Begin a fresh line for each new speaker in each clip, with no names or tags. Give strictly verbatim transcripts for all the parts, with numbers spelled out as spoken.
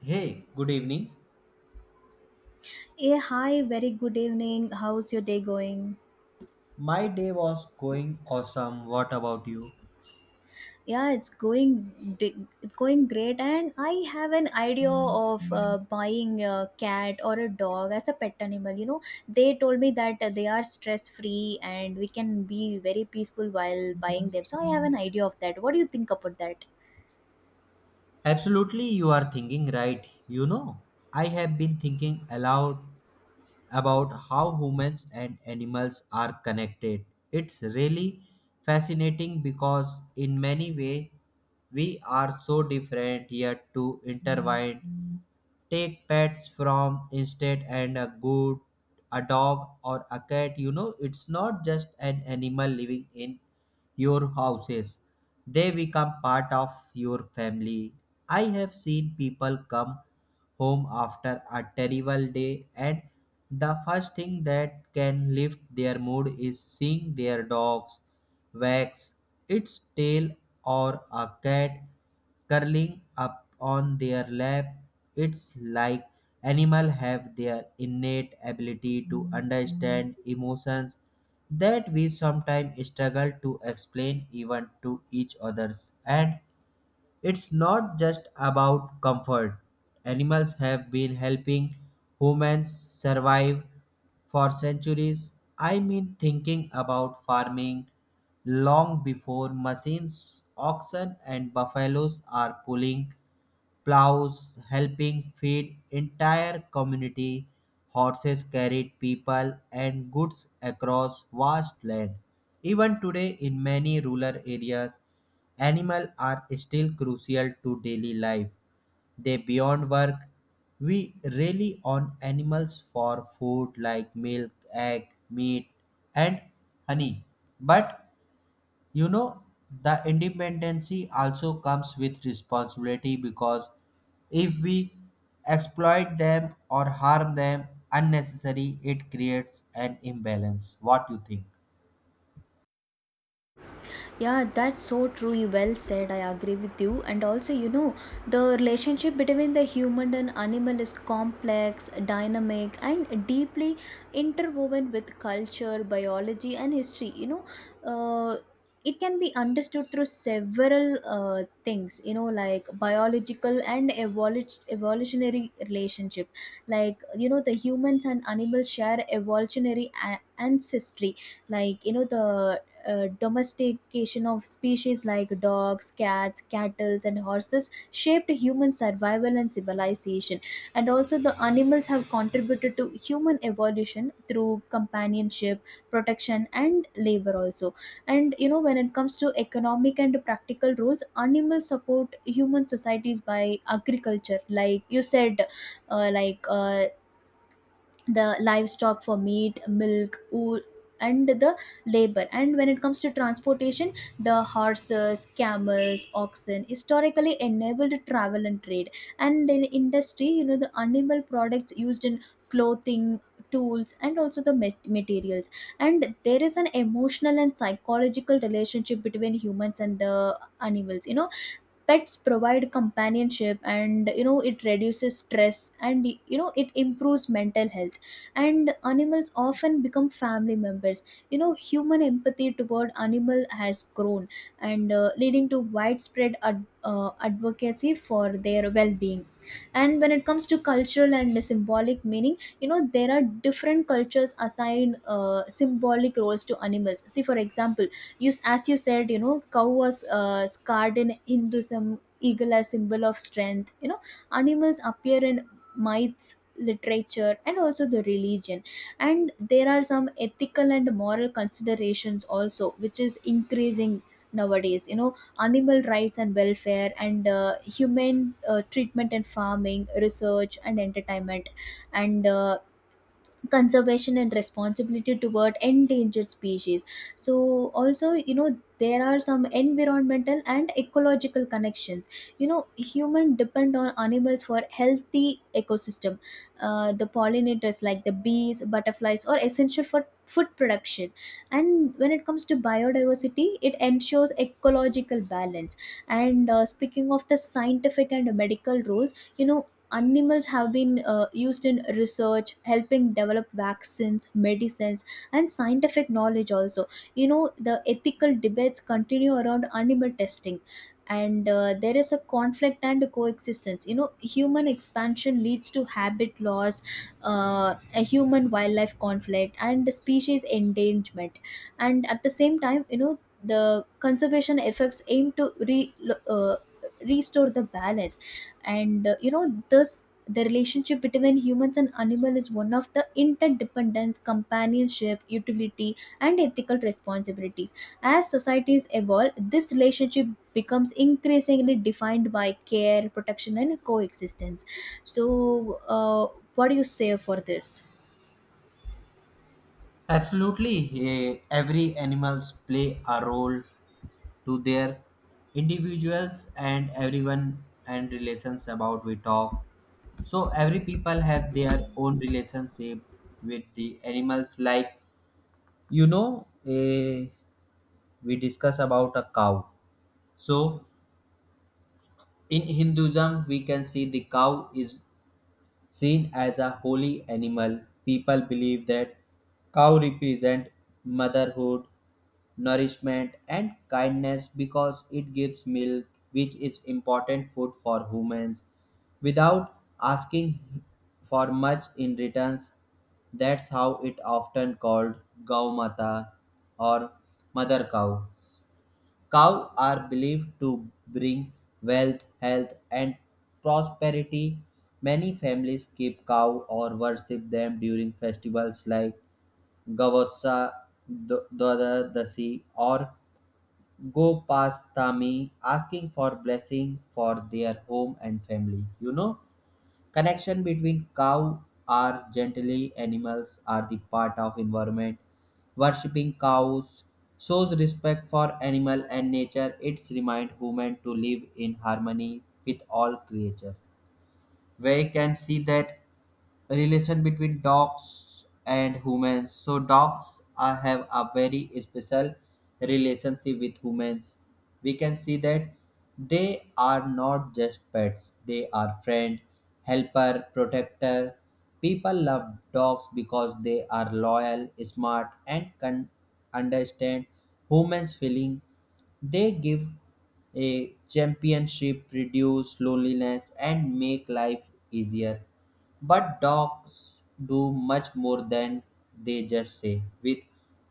Hey, good evening.
Yeah, hi, very good evening. How's your day going?
My day was going awesome. What about you?
Yeah, it's going di- it's going great and I have an idea of uh, buying a cat or a dog as a pet animal, you know. They told me that uh, they are stress free and we can be very peaceful while buying them. So I have an idea of that. What do you think about that?
Absolutely, you are thinking right. You know, I have been thinking aloud about how humans and animals are connected. It's really fascinating because, in many ways, we are so different yet to intertwined. Take pets from instead and a good a dog or a cat you know it's not just an animal living in your houses they become part of your family I have seen people come home after a terrible day and the first thing that can lift their mood is seeing their dogs wags its tail or a cat curling up on their lap. It's like animals have their innate ability to understand emotions that we sometimes struggle to explain even to each others. And it's not just about comfort. Animals have been helping humans survive for centuries. I mean, thinking about farming long before machines, oxen, and buffaloes are pulling plows helping feed entire community. Horses carried people and goods across vast land. Even today, in many rural areas, animals are still crucial to daily life. They beyond work. We rely on animals for food like milk, egg, meat, and honey. But you know, the independency also comes with responsibility because if we exploit them or harm them unnecessarily, it creates an imbalance. What you think?
Yeah, that's so true. You well said. I agree with you. And also, you know, the relationship between the human and animal is complex, dynamic, and deeply interwoven with culture, biology, and history. You know, uh, it can be understood through several uh, things. You know, like biological and evolu- evolutionary relationship. Like you know, the humans and animals share evolutionary a- ancestry, like you know, the uh, domestication of species like dogs, cats, cattle, and horses shaped human survival and civilization. And also, the animals have contributed to human evolution through companionship, protection, and labor, also. And you know, when it comes to economic and practical roles, animals support human societies by agriculture, like you said, uh, like uh, the livestock for meat, milk, wool, and the labor. And when it comes to transportation, the horses, camels, oxen historically enabled travel and trade, and in industry, you know, the animal products used in clothing, tools, and also the ma- materials. And there is an emotional and psychological relationship between humans and the animals. You know, pets provide companionship and you know it reduces stress and you know it improves mental health, and animals often become family members. You know, human empathy toward animal has grown and uh, leading to widespread ad- uh, advocacy for their well-being. And when it comes to cultural and symbolic meaning, you know, there are different cultures assign uh, symbolic roles to animals. See for example, you as you said, you know, cow was uh, scarred in hinduism, eagle as symbol of strength. You know, animals appear in myths, literature, and also the religion. And there are some ethical and moral considerations also which is increasing nowadays. You know, animal rights and welfare, and uh, human uh, treatment, and farming, research, and entertainment, and uh, conservation and responsibility toward endangered species. So also, you know, there are some environmental and ecological connections. You know, human depend on animals for healthy ecosystem. Uh, the pollinators like the bees, butterflies are essential for food production, and when it comes to biodiversity, it ensures ecological balance. And uh, speaking of the scientific and medical roles, you know, animals have been uh, used in research, helping develop vaccines, medicines, and scientific knowledge also. You know, the ethical debates continue around animal testing. And uh, there is a conflict and coexistence. You know, human expansion leads to habit loss, uh, a human wildlife conflict and species endangerment. And at the same time, you know, the conservation efforts aim to re- uh, restore the balance. And uh, you know, this the relationship between humans and animal is one of the interdependence, companionship, utility, and ethical responsibilities. As societies evolve, this relationship becomes increasingly defined by care, protection, and coexistence. So uh, what do you say for this?
Absolutely, eh, every animals play a role to their individuals and everyone and relations about we talk. So every people have their own relationship with the animals. Like you know, eh, we discuss about a cow. So, in Hinduism, we can see the cow is seen as a holy animal. People believe that cow represent motherhood, nourishment, and kindness because it gives milk, which is important food for humans, without asking for much in returns. That's how it often called Gau Mata or Mother Cow. Cows are believed to bring wealth, health, and prosperity. Many families keep cow or worship them during festivals like Gavotsa, Dwadasi, or Gopastami, asking for blessing for their home and family. You know. Connection between cow are gently animals are the part of environment. Worshipping cows shows respect for animal and nature. It's remind human to live in harmony with all creatures where you can see that relation between dogs and humans. So dogs are, have a very special relationship with humans. We can see that they are not just pets; they are friend, helper, protector. People love dogs because they are loyal, smart, and can understand humans' feeling they give a championship, reduce loneliness, and make life easier. But dogs do much more than they just say. With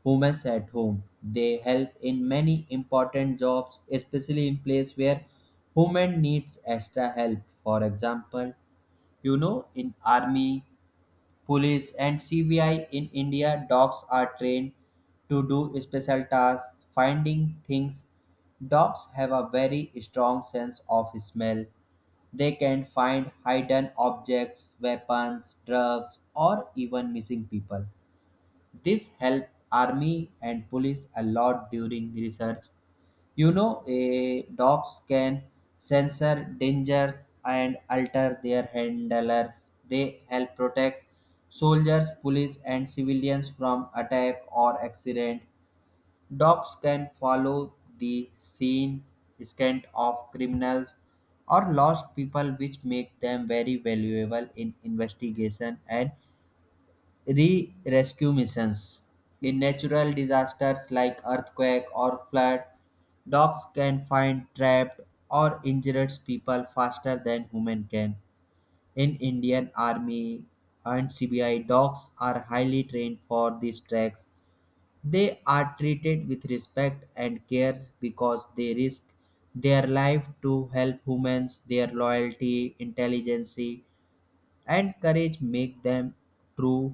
humans at home, they help in many important jobs, especially in places where human needs extra help. For example, you know, in army police, and C B I in India, dogs are trained to do special tasks, finding things. Dogs have a very strong sense of smell. They can find hidden objects, weapons, drugs, or even missing people. This helps army and police a lot during research you know, a dogs can censor dangers and alter their handlers. They help protect soldiers, police, and civilians from attack or accident. Dogs can follow the scene, scent of criminals or lost people, which make them very valuable in investigation and re-rescue missions. In natural disasters like earthquake or flood, dogs can find trapped or injured people faster than human can. In Indian Army and C B I, dogs are highly trained for these tracks. They are treated with respect and care because they risk their life to help humans. Their loyalty, intelligence, and courage make them true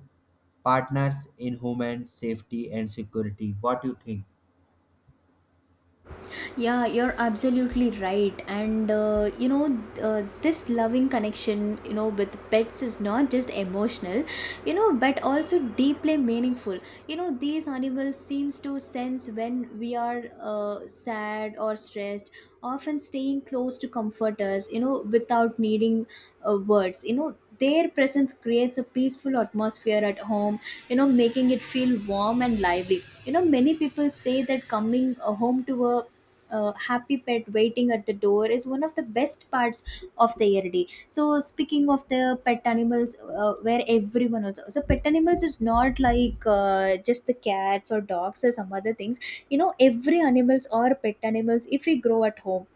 partners in human safety and security what do you think
Yeah, you're absolutely right. And uh, you know, uh, this loving connection, you know, with pets is not just emotional, you know, but also deeply meaningful. You know, these animals seems to sense when we are uh, sad or stressed, often staying close to comfort us, you know, without needing uh, words. You know, their presence creates a peaceful atmosphere at home, you know, making it feel warm and lively. You know, many people say that coming uh, home to a uh, happy pet waiting at the door is one of the best parts of the year day. So speaking of the pet animals, uh, where everyone also, so pet animals is not like uh, just the cats or dogs or some other things. You know, every animals or pet animals, if we grow at home,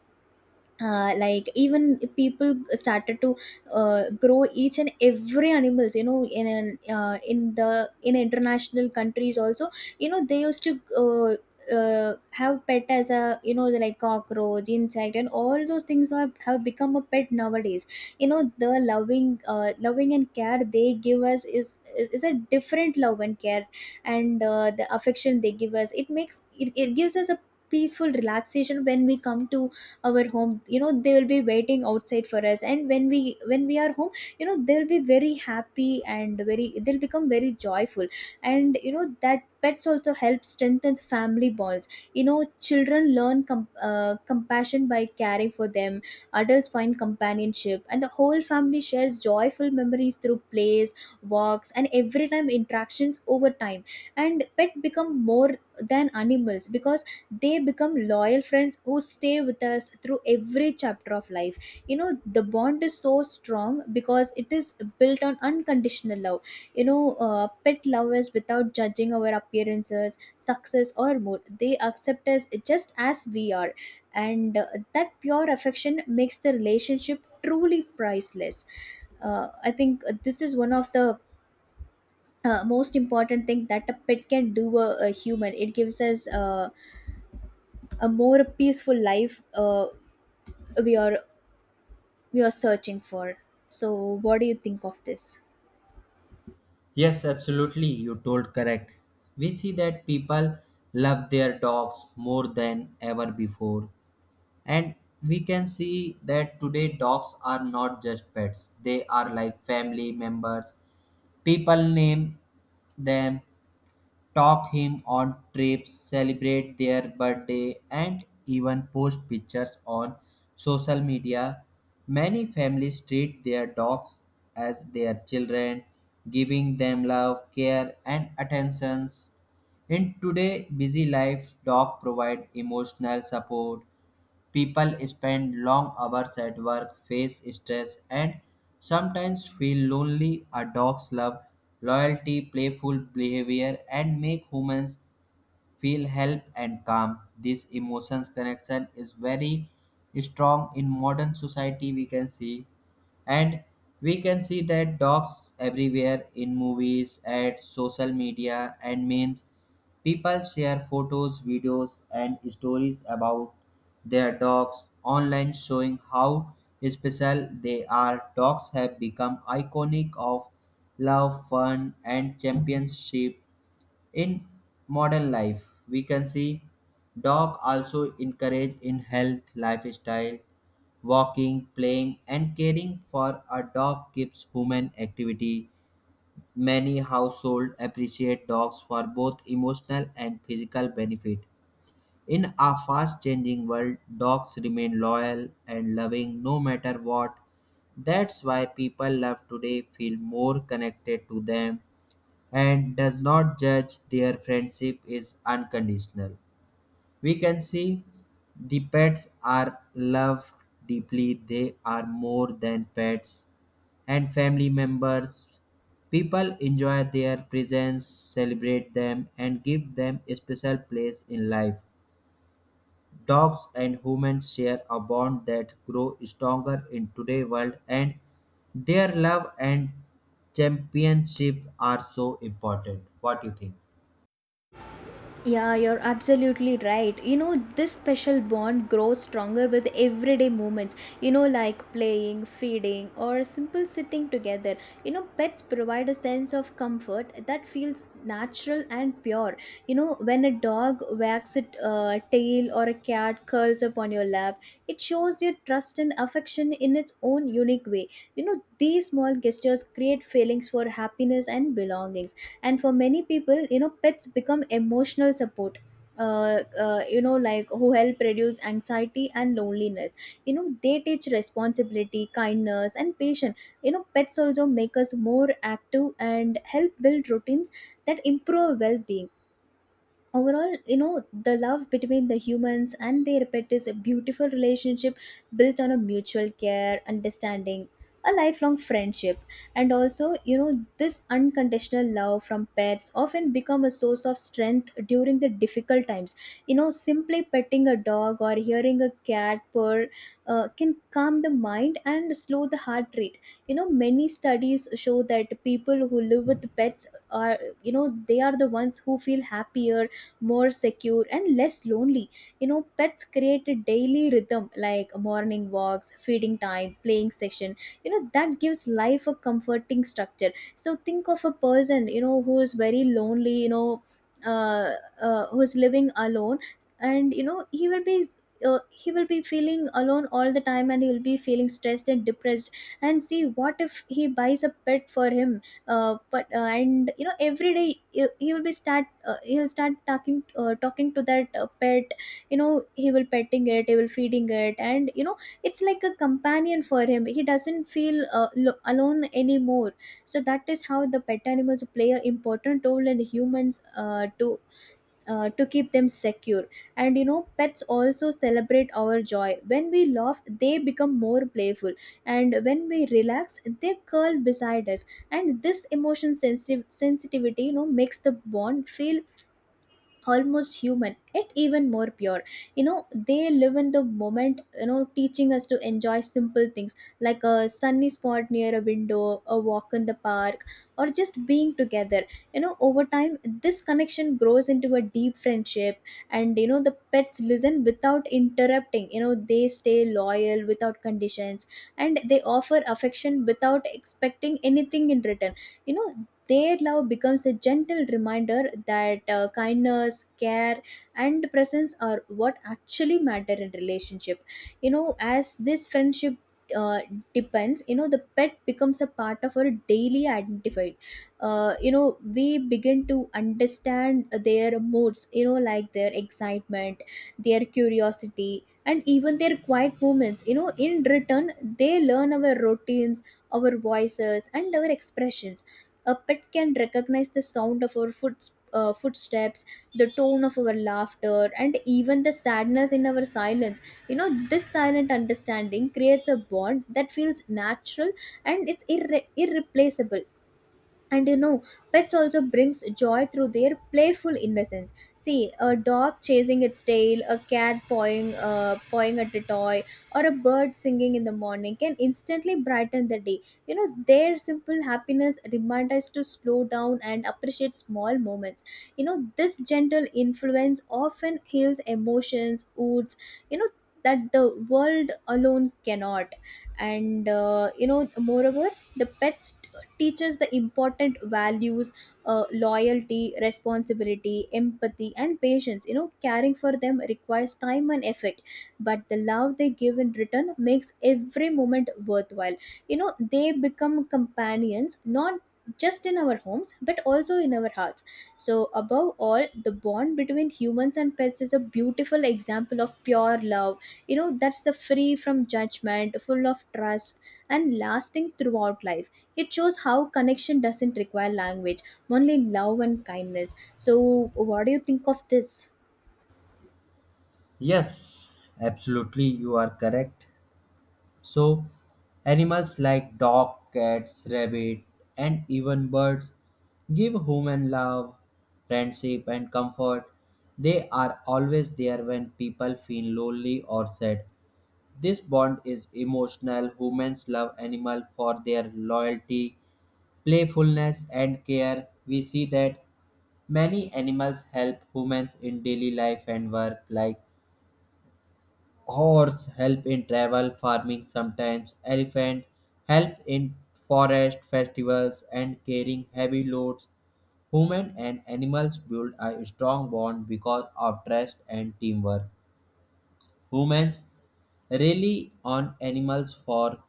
uh, like even people started to uh, grow each and every animals. You know, in an, uh, in the in international countries also, you know, they used to uh, uh, have pet as a, you know, like cockroach, insect, and all those things have, have become a pet nowadays. You know, the loving uh, loving and care they give us is, is is a different love and care. And uh, the affection they give us, it makes it, it gives us a peaceful relaxation when we come to our home. You know, they will be waiting outside for us, and when we when we are home, you know, they'll be very happy and very, they'll become very joyful. And you know that pets also help strengthen family bonds. You know, children learn com- uh, compassion by caring for them. Adults find companionship, and the whole family shares joyful memories through plays, walks, and every time interactions. Over time, and pet become more than animals, because they become loyal friends who stay with us through every chapter of life. You know, the bond is so strong because it is built on unconditional love. You know, uh, pet lovers, without judging our appearances, success, or mood, they accept us just as we are. And uh, that pure affection makes the relationship truly priceless. Uh, i think uh, this is one of the uh, most important thing that a pet can do a, a human. It gives us uh, a more peaceful life uh, we are we are searching for. So what do you think of this?
yes absolutely you told correct we see that people love their dogs more than ever before and we can see that today dogs are not just pets they are like family members people name them talk him on trips, celebrate their birthday, and even post pictures on social media. Many families treat their dogs as their children, giving them love, care, and attentions. In today's busy life, dogs provide emotional support, People spend long hours at work, face stress, and sometimes feel lonely. A dog's love, loyalty, playful behavior, and make humans feel help and calm. This emotions connection is very strong in modern society we can see and we can see that dogs everywhere in movies at social media and memes people share photos videos and stories about their dogs online showing how special they are dogs have become iconic of love fun and championship in modern life, we can see dog also encourage in health lifestyle, walking, playing, and caring for a dog keeps human activity. Many households appreciate dogs for both emotional and physical benefit. In a fast changing world, dogs remain loyal and loving no matter what. That's why people love today feel more connected to them and does not judge their friendship is unconditional. We can see the pets are loved deeply, they are more than pets and family members. People enjoy their presence, celebrate them, and give them a special place in life. Dogs and humans share a bond that grows stronger in today's world, and their love and championship are so important. What do you think?
Yeah, you're absolutely right. You know, this special bond grows stronger with everyday moments, you know, like playing, feeding, or simple sitting together. You know, pets provide a sense of comfort that feels natural and pure. You know, when a dog wags its uh, tail or a cat curls up on your lap, it shows your trust and affection in its own unique way. You know, these small gestures create feelings for happiness and belongings. And for many people, you know, pets become emotional support, uh, uh, you know, like who help reduce anxiety and loneliness. You know, they teach responsibility, kindness, and patience. You know, pets also make us more active and help build routines that improve well-being overall. You know, the love between the humans and their pet is a beautiful relationship built on a mutual care, understanding, a lifelong friendship. And also, you know, this unconditional love from pets often become a source of strength during the difficult times. You know, simply petting a dog or hearing a cat purr uh, can calm the mind and slow the heart rate. You know, many studies show that people who live with pets are, you know, they are the ones who feel happier, more secure, and less lonely. You know, pets create a daily rhythm like morning walks, feeding time, playing session. You know, that gives life a comforting structure. So think of a person, you know, who is very lonely, you know, uh, uh, who's living alone. And you know, he will be uh, he will be feeling alone all the time, and he will be feeling stressed and depressed. And see, what if he buys a pet for him? Uh, but uh, and you know, every day, he, he will be start uh, he'll start talking, uh, talking to that uh, pet. You know, he will petting it, he will feeding it, and you know, it's like a companion for him. He doesn't feel uh, lo- alone anymore. So that is how the pet animals play an important role in humans uh, to uh, to keep them secure. And you know, pets also celebrate our joy. When we laugh, they become more playful, and when we relax, they curl beside us. And this emotion sensi- sensitivity, you know, makes the bond feel almost human, yet even more pure. You know, they live in the moment, you know, teaching us to enjoy simple things like a sunny spot near a window, a walk in the park, or just being together. You know, over time this connection grows into a deep friendship. And you know, the pets listen without interrupting. You know, they stay loyal without conditions, and they offer affection without expecting anything in return. You know, their love becomes a gentle reminder that uh, kindness, care, and presence are what actually matter in relationship. You know, as this friendship uh, depends, you know, the pet becomes a part of our daily identified. Uh, you know, we begin to understand their moods, you know, like their excitement, their curiosity, and even their quiet moments. You know, in return, they learn our routines, our voices, and our expressions. A pet can recognize the sound of our foot, uh, footsteps, the tone of our laughter, and even the sadness in our silence. You know, this silent understanding creates a bond that feels natural and it's irre- irreplaceable And you know, pets also brings joy through their playful innocence. See a dog chasing its tail, a cat pawing uh, pawing at a toy, or a bird singing in the morning can instantly brighten the day. You know, their simple happiness remind us to slow down and appreciate small moments. You know, this gentle influence often heals emotions wounds, you know, that the world alone cannot. And uh, you know moreover the pets teaches the important values, uh, loyalty, responsibility, empathy, and patience. You know, caring for them requires time and effort, but the love they give in return makes every moment worthwhile. You know, they become companions not just in our homes but also in our hearts. So above all, the bond between humans and pets is a beautiful example of pure love. You know, that's the free from judgment, full of trust, and lasting throughout life. It shows how connection doesn't require language, only love and kindness. So, what do you think of this?
Yes, absolutely, you are correct. So, animals like dog, cats, rabbit, and even birds give human love, friendship, and comfort. They are always there when people feel lonely or sad. This bond is emotional. Humans love animals for their loyalty, playfulness, and care. We see that many animals help humans in daily life and work, like horse help in travel farming sometimes elephant help in forest festivals and carrying heavy loads human and animals build a strong bond because of trust and teamwork humans rely on animals for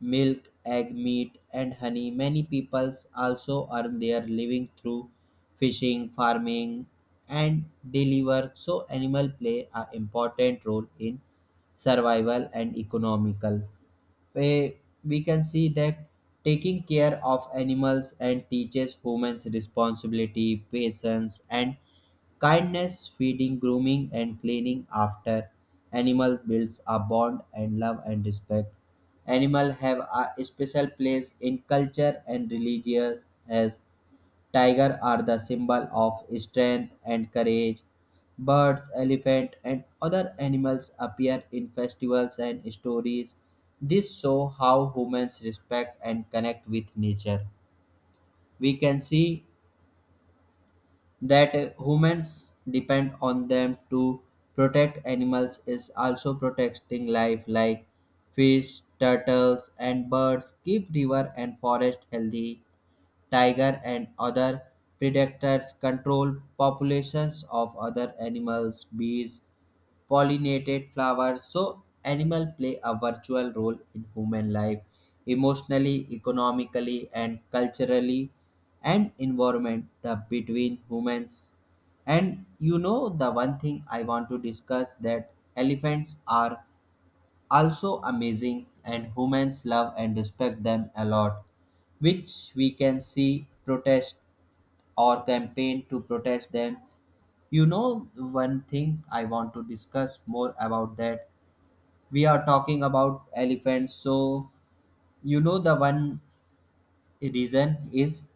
milk, egg, meat, and honey. Many peoples also earn their living through fishing, farming, and daily work. So, animal play an important role in survival and economical. Eh, We can see that taking care of animals and teaches humans responsibility, patience, and kindness, feeding, grooming, and cleaning after animals builds a bond and love and respect. Animals have a special place in culture and religion as tiger are the symbol of strength and courage. Birds, elephant, and other animals appear in festivals and stories. This show how humans respect and connect with nature. We can see that humans depend on them to protect animals is also protecting life like fish, turtles, and birds. Keep river and forest healthy. Tiger and other predators control populations of other animals, bees, pollinated flowers. So animal play a virtual role in human life emotionally, economically and culturally and environment the between humans. And you know the one thing I want to discuss that elephants are also amazing and humans love and respect them a lot which we can see protest or campaign to protest them you know, one thing I want to discuss more about that. We are talking about elephants, so you know, the one reason is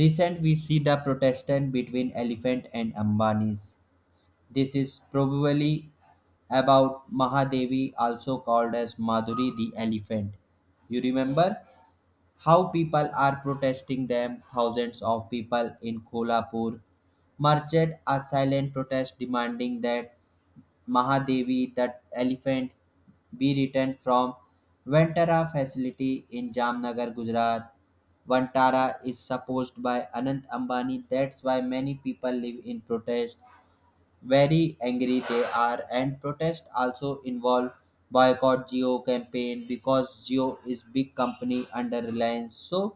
recent we see the protestant between elephant and Ambanis. This is probably about Mahadevi, also called as Madhuri the elephant. You remember how people are protesting them, thousands of people in Kolhapur marched a silent protest demanding that Mahadevi, that elephant, be returned from Vantara facility in Jamnagar, Gujarat. Vantara is supposed by Anant Ambani. That's why many people live in protest very angry they are and protest also involve boycott Geo campaign because Geo is big company under Reliance so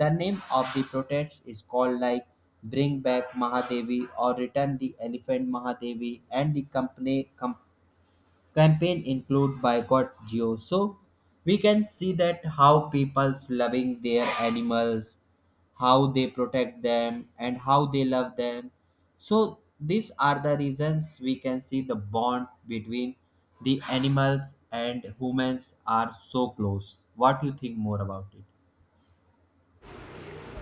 the name of the protest is called like bring back Mahadevi or return the elephant Mahadevi and the company com- campaign include boycott Geo so we can see that how people's loving their animals how they protect them and how they love them so these are the reasons we can see the bond between the animals and humans are so close what do you think more about it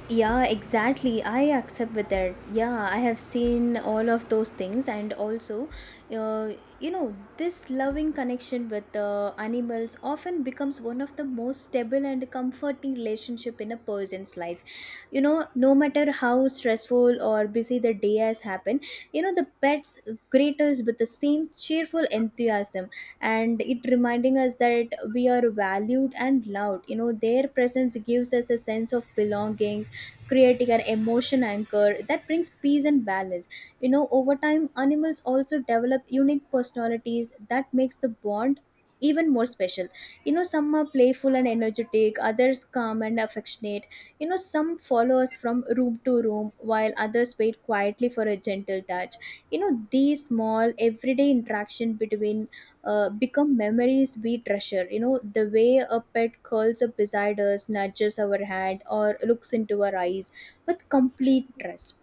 Yeah, exactly. I accept with that. Yeah, I have seen all of those things, and also, uh, you know, this loving connection with the animals often becomes one of the most stable and comforting relationship in a person's life. You know, no matter how stressful or busy the day has happened, you know, the pets greet us with the same cheerful enthusiasm, and it reminding us that we are valued and loved. You know, their presence gives us a sense of belonging, creating an emotion anchor that brings peace and balance. You know, over time animals also develop unique personalities that makes the bond even more special. You know, some are playful and energetic, others calm and affectionate. You know, some follow us from room to room while others wait quietly for a gentle touch. You know, these small everyday interaction between uh, become memories we treasure. You know, the way a pet curls up beside us, nudges our hand, or looks into our eyes with complete trust.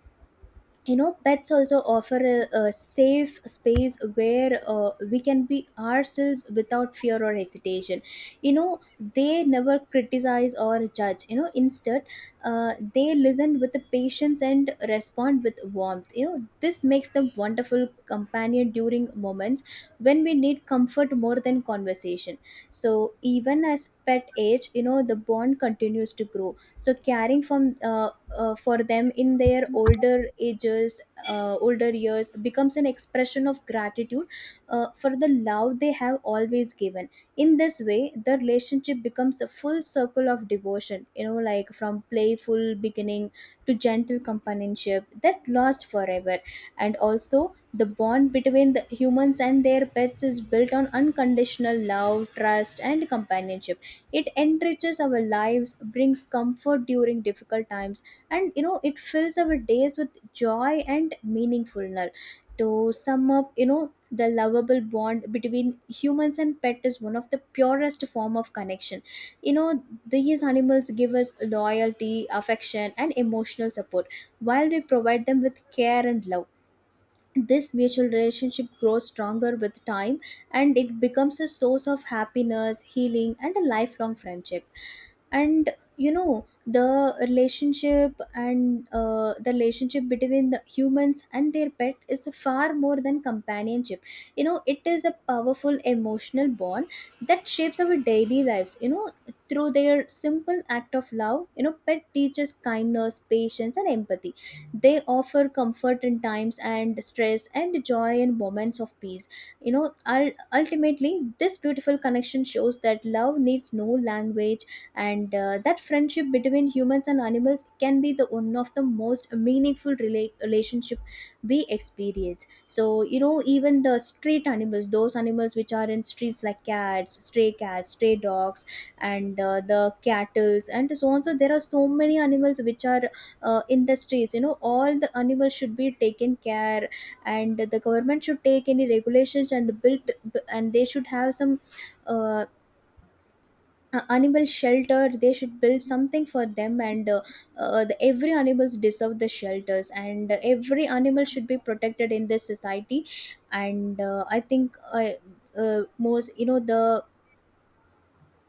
You know, pets also offer a, a safe space where uh, we can be ourselves without fear or hesitation. You know, they never criticize or judge. You know, instead uh, they listen with the patience and respond with warmth. You know, this makes them wonderful companion during moments when we need comfort more than conversation. So even as pet age, you know, the bond continues to grow. So caring from uh, uh, for them in their older ages uh, older years becomes an expression of gratitude uh, for the love they have always given. In this way, the relationship becomes a full circle of devotion, you know, like from playful beginning to gentle companionship that lasts forever. And also, the bond between the humans and their pets is built on unconditional love, trust, and companionship. It enriches our lives, brings comfort during difficult times, and you know, it fills our days with joy and meaningfulness. To sum up, you know, the lovable bond between humans and pet is one of the purest form of connection. You know, these animals give us loyalty, affection, and emotional support, while we provide them with care and love. This mutual relationship grows stronger with time, and it becomes a source of happiness, healing, and a lifelong friendship. And you know, the relationship and uh, the relationship between the humans and their pet is far more than companionship. You know, it is a powerful emotional bond that shapes our daily lives. You know, through their simple act of love, you know, pet teaches kindness, patience, and empathy. They offer comfort in times and stress and joy in moments of peace. You know, ul- ultimately this beautiful connection shows that love needs no language and uh, that friendship between humans and animals can be the one of the most meaningful rela- relationship we experience. So you know, even the street animals, those animals which are in streets like cats, stray cats, stray dogs, and uh, the cattles and so on. So there are so many animals which are uh, in the streets. You know, all the animals should be taken care, and the government should take any regulations and built, and they should have some uh, uh, animal shelter. They should build something for them, and uh, uh, the, every animals deserve the shelters, and every animal should be protected in this society. And uh, i think uh, uh, most, you know, the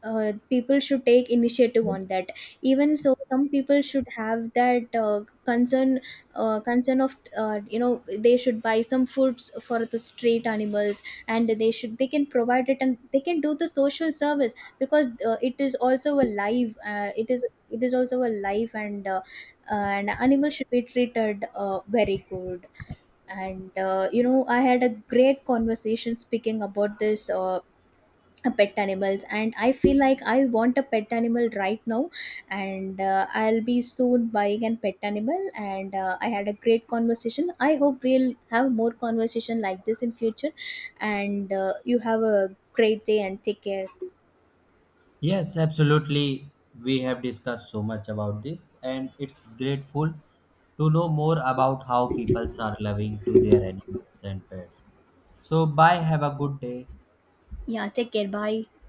uh, people should take initiative on that. Even so, some people should have that uh, concern uh, concern of, uh, you know, they should buy some foods for the street animals, and they should they can provide it, and they can do the social service because uh, it is also a life. Uh, it is it is also a life, and uh, an animal should be treated uh, very good. And uh, you know, I had a great conversation speaking about this, uh, pet animals, and I feel like I want a pet animal right now, and uh, I'll be soon buying a pet animal. And uh, I had a great conversation. I hope we'll have more conversation like this in future. And uh, you have a great day and take care.
Yes, absolutely. We have discussed so much about this, and it's grateful to know more about how people are loving to their animals and pets. So, bye. Have a good day.
Yeah, take care. Bye.